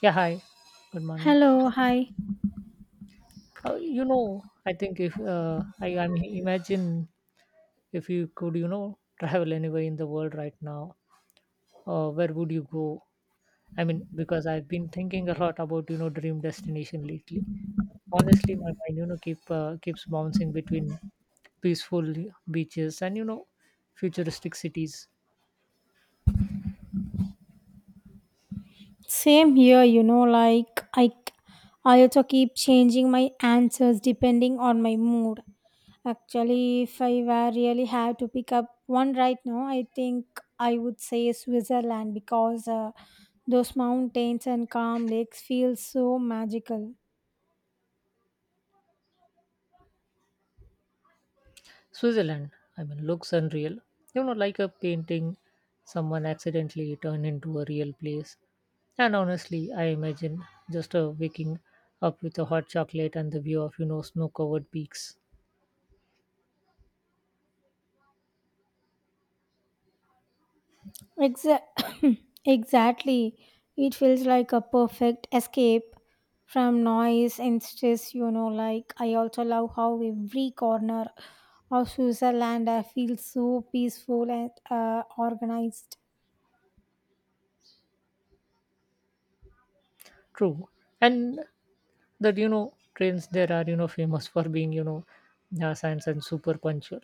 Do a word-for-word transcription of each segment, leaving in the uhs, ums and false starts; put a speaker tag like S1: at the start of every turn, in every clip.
S1: Yeah, hi. Good morning.
S2: Hello, hi.
S1: Uh, you know, I think if uh, I, I mean, imagine if you could, you know, travel anywhere in the world right now, uh, where would you go? I mean, because I've been thinking a lot about, you know, dream destination lately. Honestly, my mind, you know, keep uh, keeps bouncing between peaceful beaches and, you know, futuristic cities.
S2: Same here, you know, like I I also keep changing my answers depending on my mood. Actually, if I were really had to pick up one right now, I think I would say Switzerland because uh, those mountains and calm lakes feel so magical.
S1: Switzerland, I mean, looks unreal. You know, like a painting someone accidentally turned into a real place. And honestly, I imagine just uh, waking up with a hot chocolate and the view of, you know, snow covered peaks.
S2: Exa- exactly. It feels like a perfect escape from noise and stress, you know. Like, I also love how every corner of Switzerland I feel so peaceful and uh, organized.
S1: True. And that, you know, trains there are, you know, famous for being, you know, uh, science and super punctual.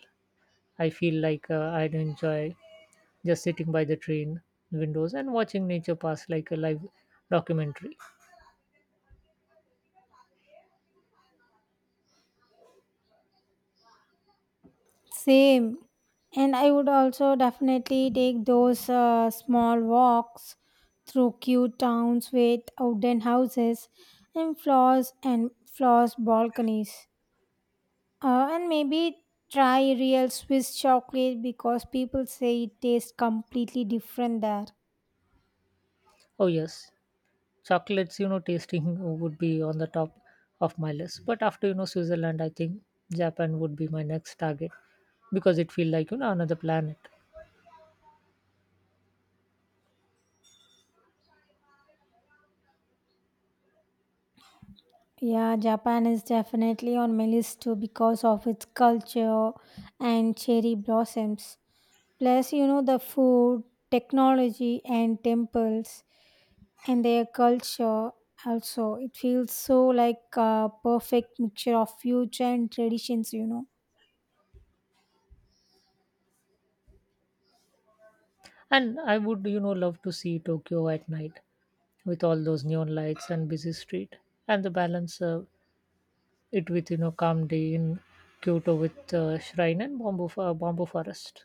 S1: I feel like uh, I'd enjoy just sitting by the train windows and watching nature pass like a live documentary.
S2: Same. And I would also definitely take those uh, small walks through cute towns with wooden houses and floors and floors balconies. Uh, and maybe try real Swiss chocolate because people say it tastes completely different there.
S1: Oh, yes. Chocolates, you know tasting would be on the top of my list. But after, you know Switzerland, I think Japan would be my next target because it feel like, you know another planet.
S2: Yeah, Japan is definitely on my list too because of its culture and cherry blossoms. Plus, you know, the food, technology, and temples and their culture also. It feels so like a perfect mixture of future and traditions, you know.
S1: And I would, you know love to see Tokyo at night with all those neon lights and busy street, and the balance uh, it with, you know calm day in Kyoto with uh, shrine and bamboo, fo- bamboo forest.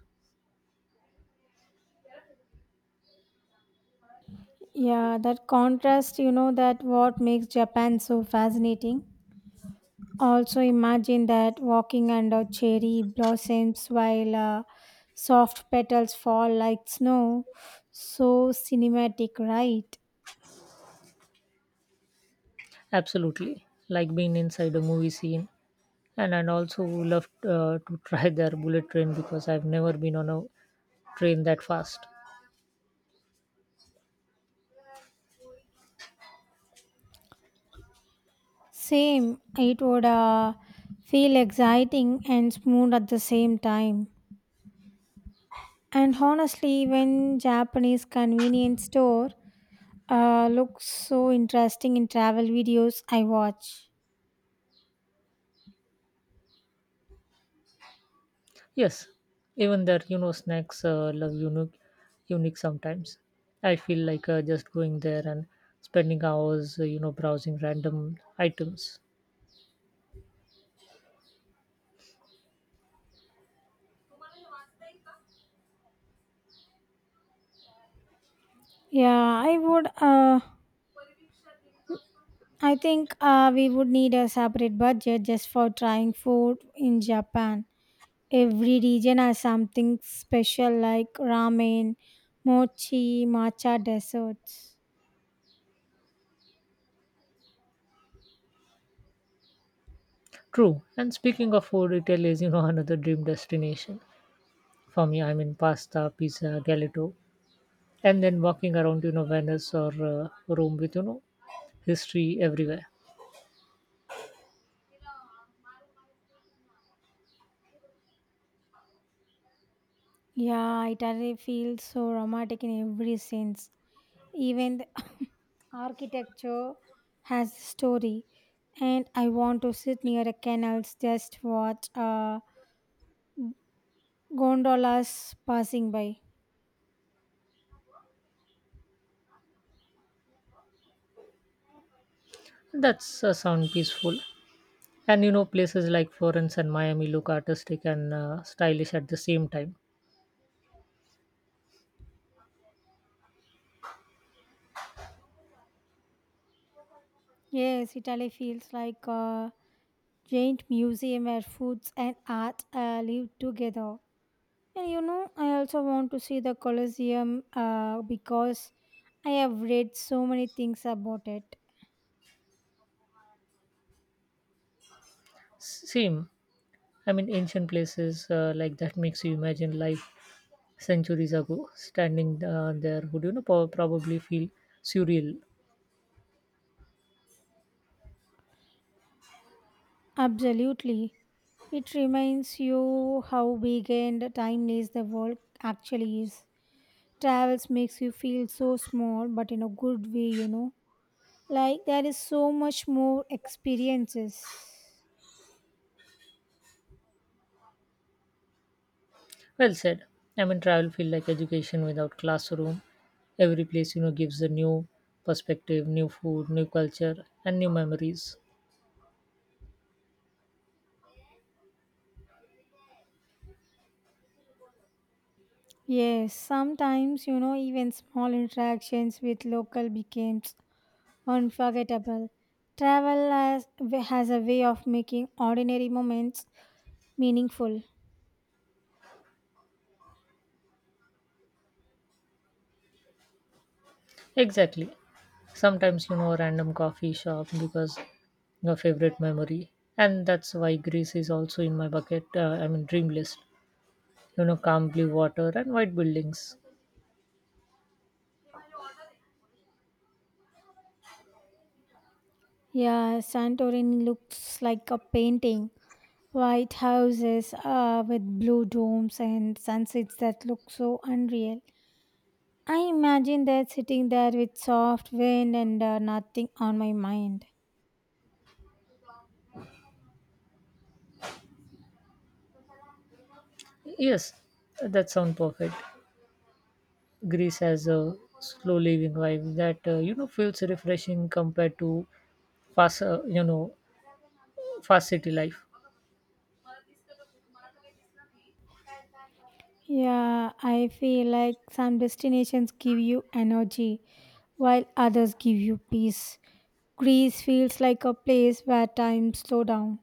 S2: Yeah, that contrast, you know, that what makes Japan so fascinating. Also, imagine that walking under cherry blossoms while uh, soft petals fall like snow. So cinematic, right?
S1: Absolutely, like being inside a movie scene. And I also would love uh, to try their bullet train because I've never been on a train that fast.
S2: Same, it would uh, feel exciting and smooth at the same time. And honestly, even Japanese convenience store uh, looks so interesting in travel videos I watch.
S1: Yes, even their, you know snacks uh, love unique, unique sometimes. I feel like uh, just going there and spending hours uh, you know browsing random items.
S2: Yeah, I would. Uh, I think uh, we would need a separate budget just for trying food in Japan. Every region has something special like ramen, mochi, matcha desserts.
S1: True. And speaking of food, Italy is, you know another dream destination for me. I mean, pasta, pizza, gelato, and then walking around, you know Venice or uh, Rome with, you know history everywhere.
S2: Yeah, Italy feels so romantic in every sense. Even the architecture has a story. And I want to sit near a canals just watch uh, gondolas passing by.
S1: That's uh, sound peaceful. And you know, places like Florence and Miami look artistic and uh, stylish at the same time.
S2: Yes, Italy feels like a Giant museum where foods and art uh, live together. And you know, I also want to see the Colosseum uh, because I have read so many things about it.
S1: Same. I mean, ancient places uh, like that makes you imagine life centuries ago. Standing uh, there would, you know po- probably feel surreal.
S2: Absolutely. It reminds you how big and timeless the world actually is. Travels makes you feel so small, but in a good way, you know. Like there is so much more experiences.
S1: Well said. I mean, travel feel like education without classroom. Every place, you know gives a new perspective, new food, new culture, and new memories.
S2: Yes, sometimes, you know, even small interactions with local becomes unforgettable. Travel has, has a way of making ordinary moments meaningful.
S1: Exactly. Sometimes, you know a random coffee shop because your favorite memory, and that's why Greece is also in my bucket. Uh, I mean, dream list. You know, calm blue water and white buildings.
S2: Yeah, Santorini looks like a painting. White houses uh, with blue domes and sunsets that look so unreal. I imagine that sitting there with soft wind and uh, nothing on my mind.
S1: Yes, that sounds perfect. Greece has a slow living vibe that uh, you know feels refreshing compared to fast, uh, you know, fast city life.
S2: Yeah, I feel like some destinations give you energy while others give you peace. Greece feels like a place where time slow down.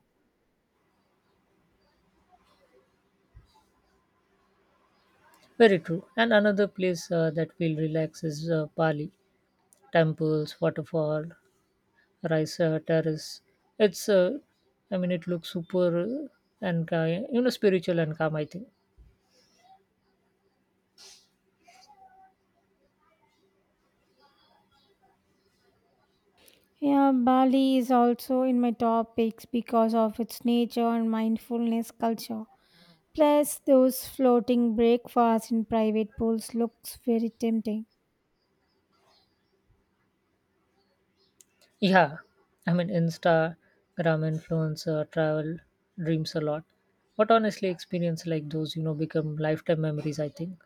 S1: Very true. And another place uh, that will relax is uh, Bali. Temples, waterfall, rice uh, terrace. It's, uh, I mean, it looks super uh, and uh, you know spiritual and calm, I think.
S2: Yeah, Bali is also in my top picks because of its nature and mindfulness culture. Plus, those floating breakfasts in private pools looks very tempting.
S1: Yeah, I mean, Instagram influencer travel dreams a lot. But honestly, experience like those, you know, become lifetime memories, I think.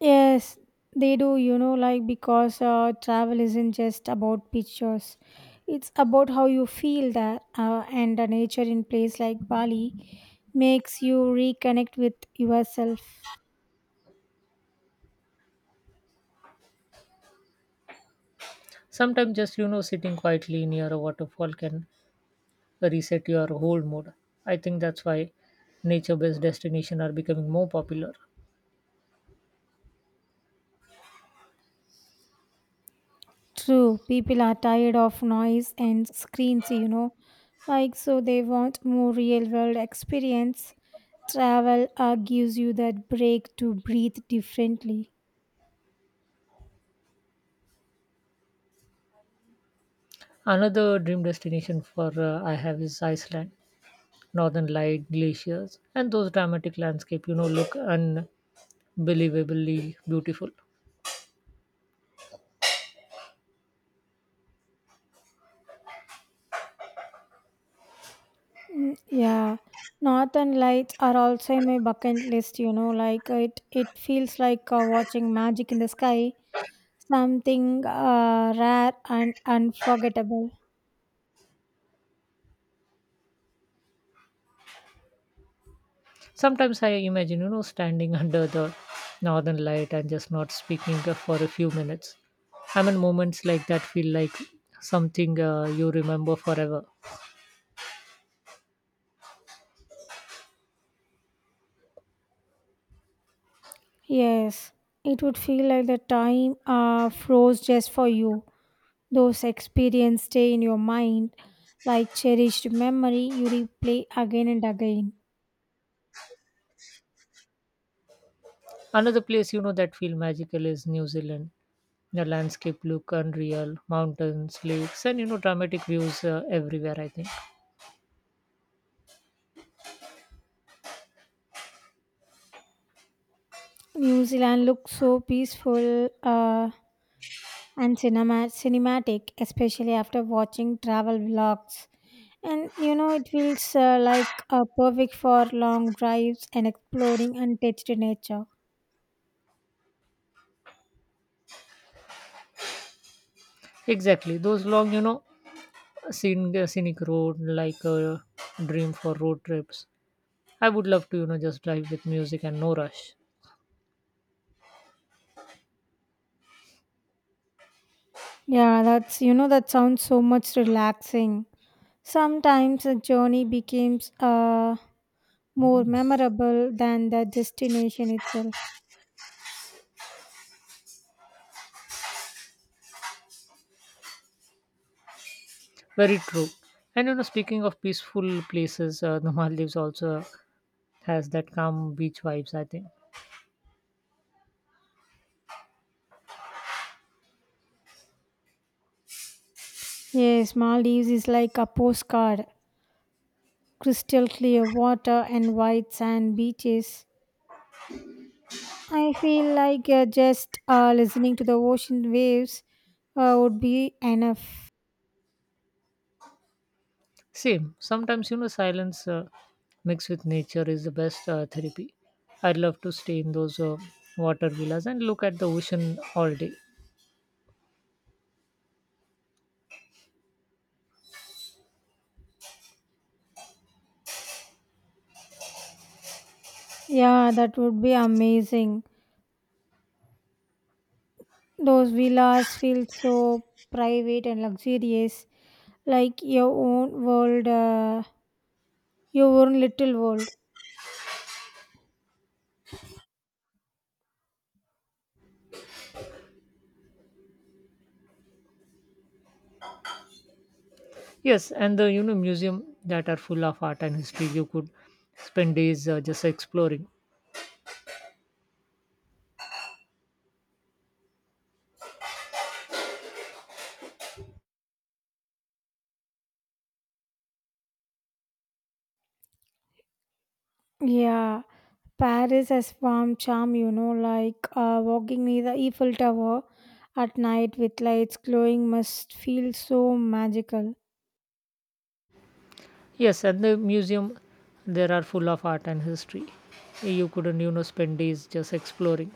S2: Yes, they do, you know, like because uh, travel isn't just about pictures. It's about how you feel there, uh, and the nature in place like Bali makes you reconnect with yourself.
S1: Sometimes just, you know, sitting quietly near a waterfall can reset your whole mood. I think that's why nature based destinations are becoming more popular.
S2: True, people are tired of noise and screens, you know. Like, so they want more real world experience. Travel uh, gives you that break to breathe differently.
S1: Another dream destination for uh, I have is Iceland. Northern light, glaciers, and those dramatic landscape, you know, look unbelievably beautiful.
S2: Mm, yeah. Northern Lights are also in my bucket list, you know. Like, it, it feels like uh, watching magic in the sky, something uh, rare and unforgettable.
S1: Sometimes I imagine, you know, standing under the northern light and just not speaking uh, for a few minutes. I mean, moments like that feel like something uh, you remember forever.
S2: Yes, it would feel like the time uh, froze just for you. Those experiences stay in your mind like cherished memory you replay again and again.
S1: Another place, you know, that feel magical is New Zealand. The landscape look unreal. Mountains, lakes, and, you know, dramatic views uh, everywhere, I think.
S2: New Zealand looks so peaceful uh, and cinema- cinematic, especially after watching travel vlogs. And you know, it feels uh, like uh, perfect for long drives and exploring untouched nature.
S1: Exactly those long, you know, scenic, scenic road like a dream for road trips. I would love to, you know, just drive with music and no rush.
S2: Yeah, that's you know, that sounds so much relaxing. Sometimes a journey becomes uh, more memorable than the destination itself.
S1: Very true. And you know, speaking of peaceful places, uh, the Maldives also has that calm beach vibes, I think.
S2: Yes, Maldives is like a postcard crystal clear water and white sand beaches. I feel like uh, just uh, listening to the ocean waves uh, would be enough.
S1: Same. Sometimes, you know, silence uh, mixed with nature is the best uh, therapy. I'd love to stay in those uh, water villas and look at the ocean all day.
S2: Yeah, that would be amazing. Those villas feel so private and luxurious, like your own world, uh, your own little world.
S1: Yes, and the, you know museum that are full of art and history. You could spend days uh, just exploring.
S2: Yeah, Paris has warm charm, you know, like uh, walking near the Eiffel Tower at night with lights glowing must feel so magical.
S1: Yes, and the museum there are full of art and history. You couldn't, you know spend days just exploring.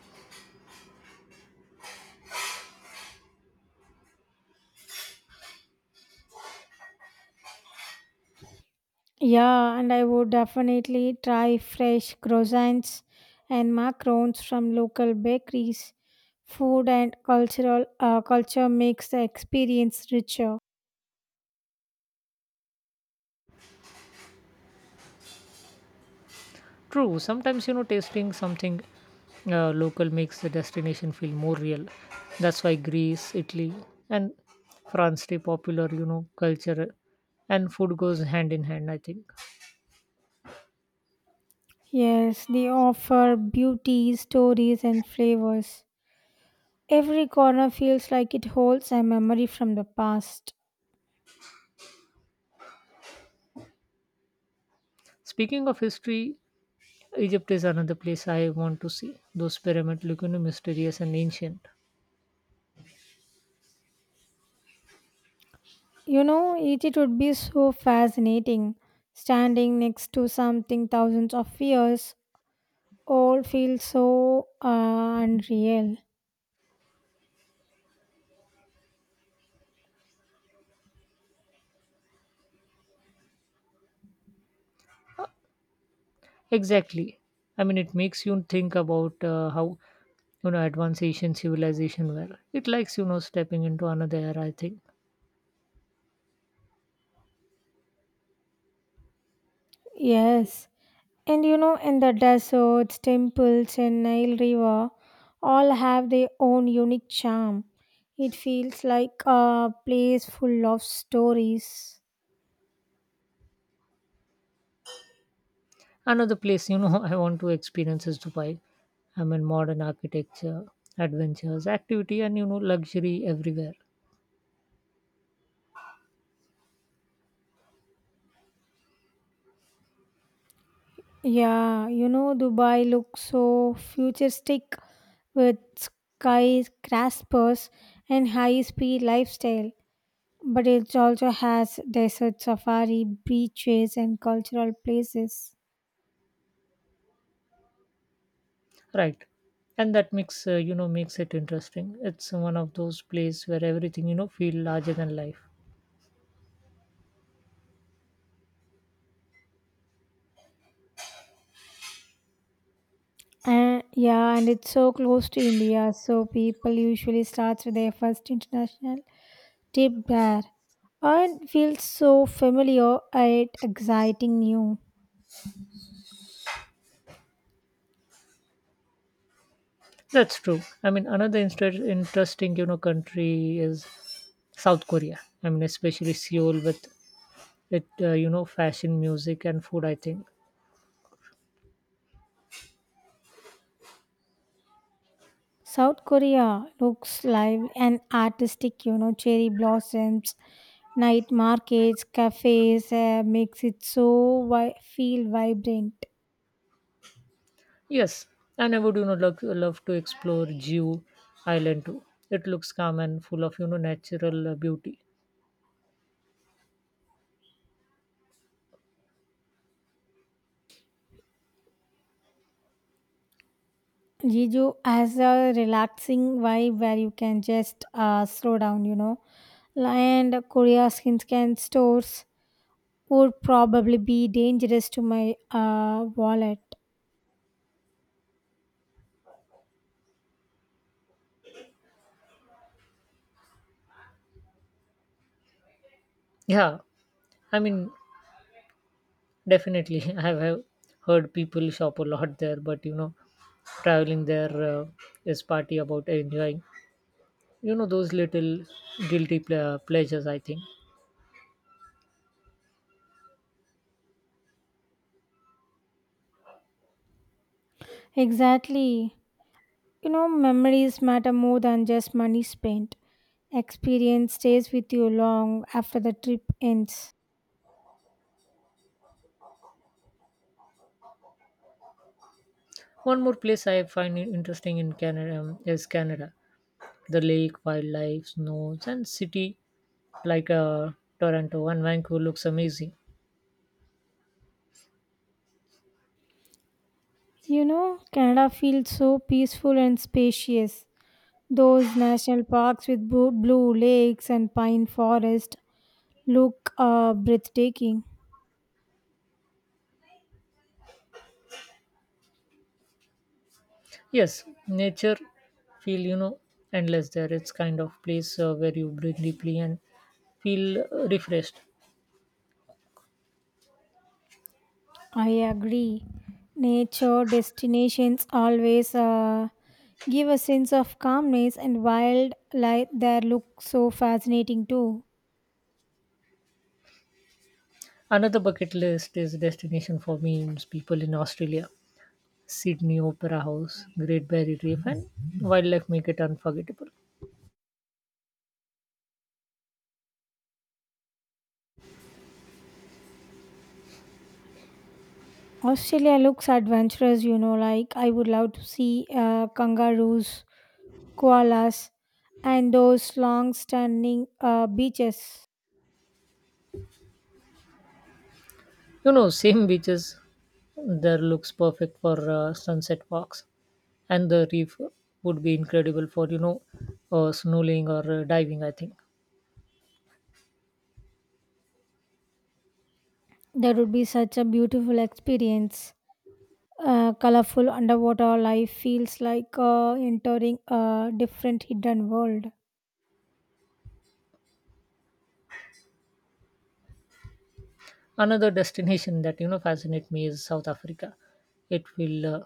S2: Yeah, and I would definitely try fresh croissants and macarons from local bakeries. Food and cultural uh, culture makes the experience richer.
S1: True, sometimes, you know tasting something uh, local makes the destination feel more real. That's why Greece, Italy, and France stay popular. You know, culture and food goes hand in hand, I think.
S2: Yes, they offer beauty, stories, and flavors. Every corner feels like it holds a memory from the past.
S1: Speaking of history, Egypt is another place I want to see. Those pyramids look, you know, mysterious and ancient.
S2: You know, it, it would be so fascinating. Standing next to something thousands of years all feels so uh, unreal.
S1: Exactly. I mean, it makes you think about uh, how, you know advanced Asian civilization were. It likes, you know stepping into another era, I think.
S2: Yes. And you know, in the deserts, temples, and Nile River all have their own unique charm. It feels like a place full of stories.
S1: Another place, you know, I want to experience is Dubai. I mean, modern architecture, adventures, activity, and, you know, luxury everywhere.
S2: Yeah, you know, Dubai looks so futuristic with skyscrapers and high speed lifestyle, but it also has desert safari, beaches, and cultural places.
S1: Right, and that mix, uh, you know, makes it interesting. It's one of those places where everything, you know, feel larger than life.
S2: And yeah, and it's so close to India, so people usually start with their first international trip there and feels so familiar and exciting new.
S1: That's true. I mean, another inter- interesting, you know, country is South Korea. I mean, especially Seoul with it, uh, you know, fashion, music, and food, I think.
S2: South Korea looks live and artistic, you know, cherry blossoms, night markets, cafes uh, makes it so vi- feel vibrant.
S1: Yes, and I would, you know love, love to explore Jew Island too. It looks calm and full of, you know natural uh, beauty.
S2: Jeju has a relaxing vibe where you can just uh, slow down, you know. And Korea's skin stores would probably be dangerous to my uh, wallet.
S1: Yeah, I mean, definitely, I have have heard people shop a lot there, but you know, traveling there uh, is party about enjoying, you know those little guilty ple- uh, pleasures, I think.
S2: Exactly. You know, memories matter more than just money spent. Experience stays with you long after the trip ends.
S1: One more place I find in- interesting in Canada um, is Canada. The lake, wildlife, snows, and city like uh, Toronto and Vancouver looks amazing.
S2: You know, Canada feels so peaceful and spacious. Those national parks with bu- blue lakes and pine forest look uh, breathtaking.
S1: Yes, nature feel, you know endless there. It's kind of place uh, where you breathe deeply and feel uh, refreshed.
S2: I agree. Nature destinations always uh, give a sense of calmness, and wildlife there look so fascinating too.
S1: Another bucket list is destination for memes. People in Australia, Sydney Opera House, Great Barrier Reef, and wildlife make it unforgettable.
S2: Australia looks adventurous, you know, like I would love to see uh, kangaroos, koalas, and those long standing uh, beaches.
S1: You know, same beaches there looks perfect for uh, sunset walks, and the reef would be incredible for, you know uh, snorkeling or uh, diving, I think.
S2: That would be such a beautiful experience. Uh, colorful underwater life feels like uh, entering a different hidden world.
S1: Another destination that, you know fascinate me is South Africa. It feels uh,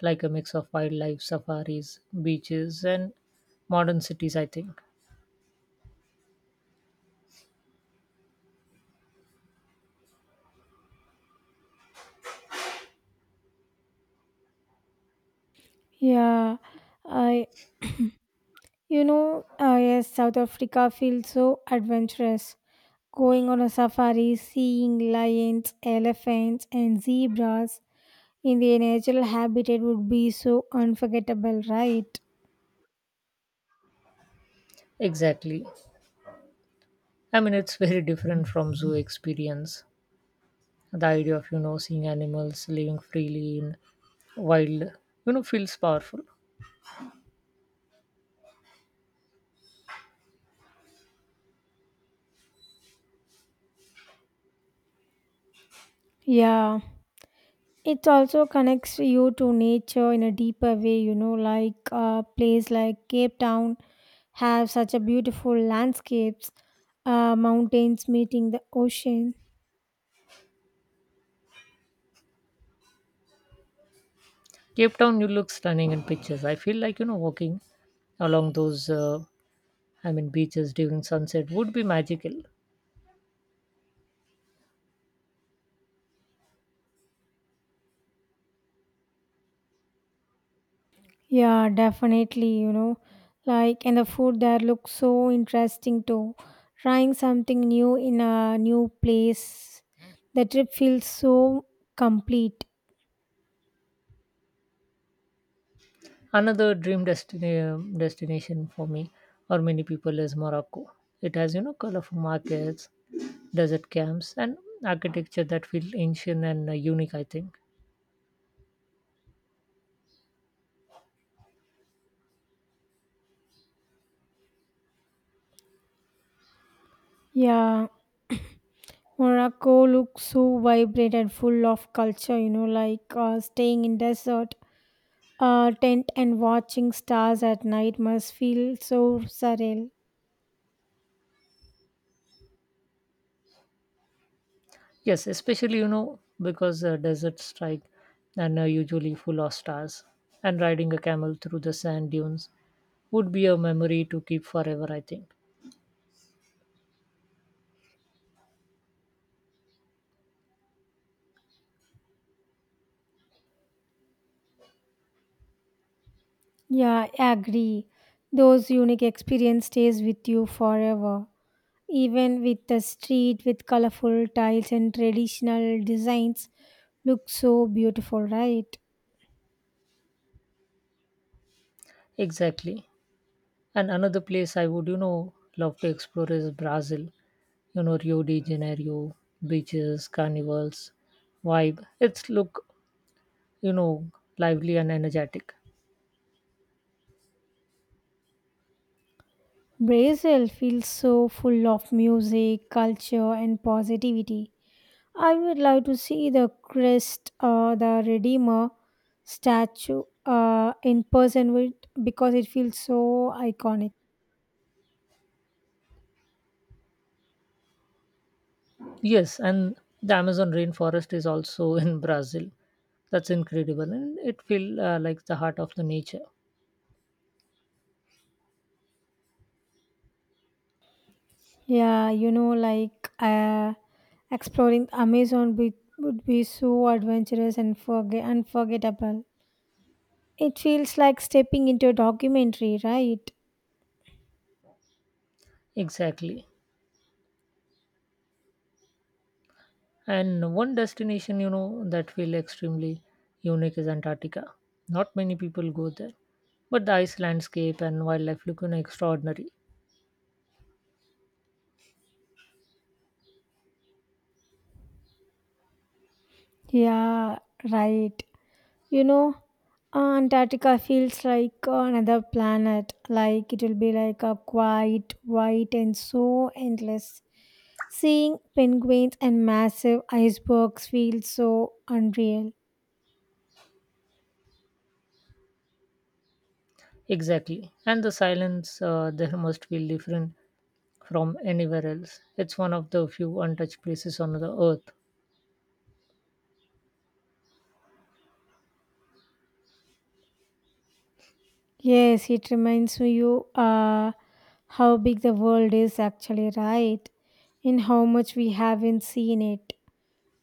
S1: like a mix of wildlife, safaris, beaches, and modern cities, I think.
S2: Yeah, I, you know, uh, yes, South Africa feels so adventurous. Going on a safari, seeing lions, elephants, and zebras in the natural habitat would be so unforgettable, right?
S1: Exactly. I mean, it's very different from zoo experience. The idea of, you know seeing animals living freely in wild, you know, feels powerful.
S2: Yeah. It also connects you to nature in a deeper way, you know, like a place like Cape Town have such a beautiful landscapes, uh, mountains meeting the ocean.
S1: Cape Town, you look stunning in pictures. I feel like, you know walking along those, uh, I mean, beaches during sunset would be magical.
S2: Yeah, definitely, you know, like and the food there looks so interesting too. Trying something new in a new place, the trip feels so complete.
S1: Another dream destina- destination for me or many people is Morocco. It has, you know, colorful markets, desert camps, and architecture that feel ancient and uh, unique, I think.
S2: Yeah. Morocco looks so vibrant and full of culture, you know, like uh, staying in desert uh, tent and watching stars at night must feel so surreal.
S1: Yes, especially, you know, because uh, deserts strike and are usually full of stars, and riding a camel through the sand dunes would be a memory to keep forever, I think.
S2: Yeah, I agree. Those unique experience stays with you forever. Even with the street with colorful tiles and traditional designs look so beautiful, right?
S1: Exactly. And another place I would, you know, love to explore is Brazil. You know, Rio de Janeiro, beaches, carnivals, vibe. It's look, you know, lively and energetic.
S2: Brazil feels so full of music, culture and positivity. I would love to see the Christ or the Redeemer statue uh, in person with, because it feels so iconic.
S1: Yes, and the Amazon rainforest is also in Brazil. That's incredible, and it feel uh, like the heart of the nature.
S2: Yeah, you know, like uh, exploring Amazon would, would be so adventurous and forget unforgettable. It feels like stepping into a documentary, right?
S1: Exactly. And one destination, you know, that feel extremely unique is Antarctica. Not many people go there, but the ice landscape and wildlife look, you know, extraordinary.
S2: Yeah, right. You know, uh, Antarctica feels like another planet. Like it will be like a quiet, white, and so endless. Seeing penguins and massive icebergs feels so unreal.
S1: Exactly. And the silence uh, there must feel different from anywhere else. It's one of the few untouched places on the earth.
S2: Yes, it reminds you uh, how big the world is actually, right? And how much we haven't seen it.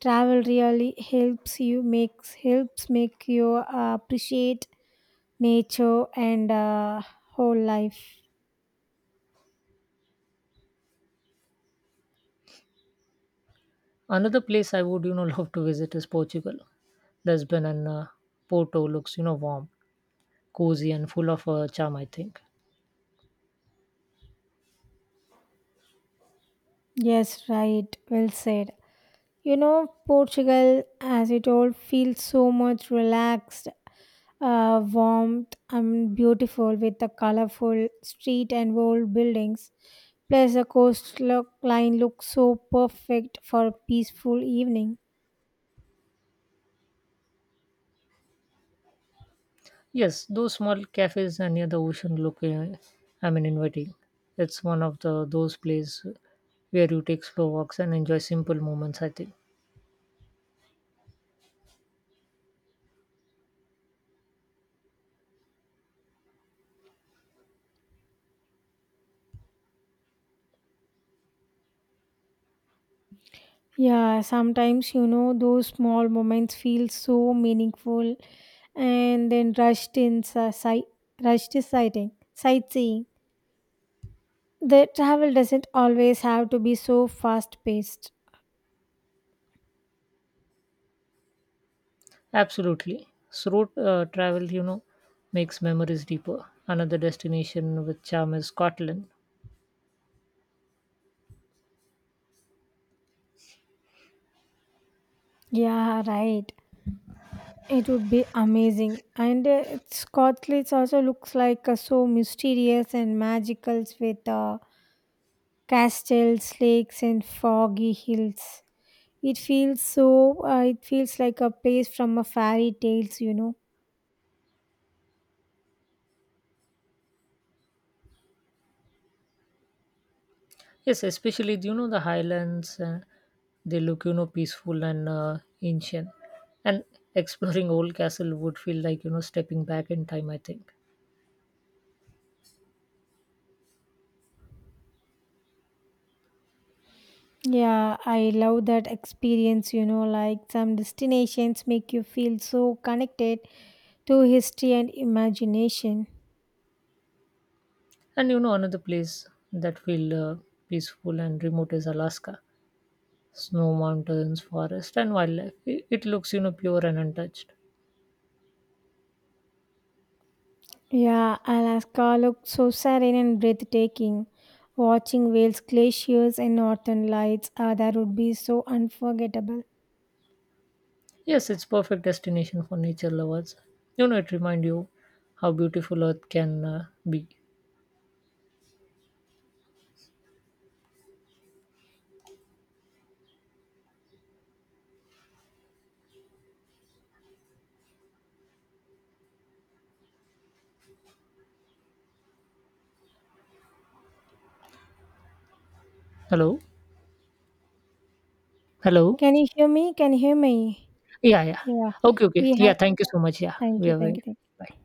S2: Travel really helps you makes helps make you uh, appreciate nature and uh, whole life.
S1: Another place I would, you know, love to visit is Portugal. Lisbon and uh, Porto looks, you know, warm, cozy, and full of uh, charm, I think.
S2: Yes, right. Well said. You know, Portugal, as you told, feels so much relaxed, uh, warmth, and beautiful with the colorful street and old buildings. Plus, the coastline looks so perfect for a peaceful evening.
S1: Yes, those small cafes and near the ocean look, uh, I mean, inviting. It's one of the those places where you take slow walks and enjoy simple moments, I think.
S2: Yeah, sometimes, you know, those small moments feel so meaningful and then rushed in si- rushed is sighting, sightseeing. The travel doesn't always have to be so fast paced.
S1: Absolutely. So road uh, travel, you know, makes memories deeper. Another destination with charm is Scotland.
S2: Yeah, right. It would be amazing. And uh, it's- Scotland also looks like uh, so mysterious and magical with uh, castles, lakes, and foggy hills. It feels so, uh, it feels like a place from a fairy tales, you know.
S1: Yes, especially, you know the Highlands. Uh, they look, you know peaceful and uh, ancient. And exploring old castle would feel like, you know stepping back in time, I think.
S2: Yeah, I love that experience, you know, like some destinations make you feel so connected to history and imagination.
S1: And you know, another place that feel uh, peaceful and remote is Alaska. Snow mountains, forest, and wildlife. It, it looks, you know pure and untouched.
S2: Yeah, Alaska looked so serene and breathtaking. Watching whales, glaciers, and northern lights, ah, that would be so unforgettable.
S1: Yes, it's perfect destination for nature lovers. You know, it remind you how beautiful Earth can uh, be. Hello, hello.
S2: Can you hear me? Can you hear me?
S1: Yeah, yeah.
S2: Yeah,
S1: Okay, okay.
S2: we had.
S1: Yeah, thank you so much. Yeah,
S2: Thank
S1: we
S2: you,
S1: are
S2: thank you,
S1: very
S2: thank you.
S1: bye.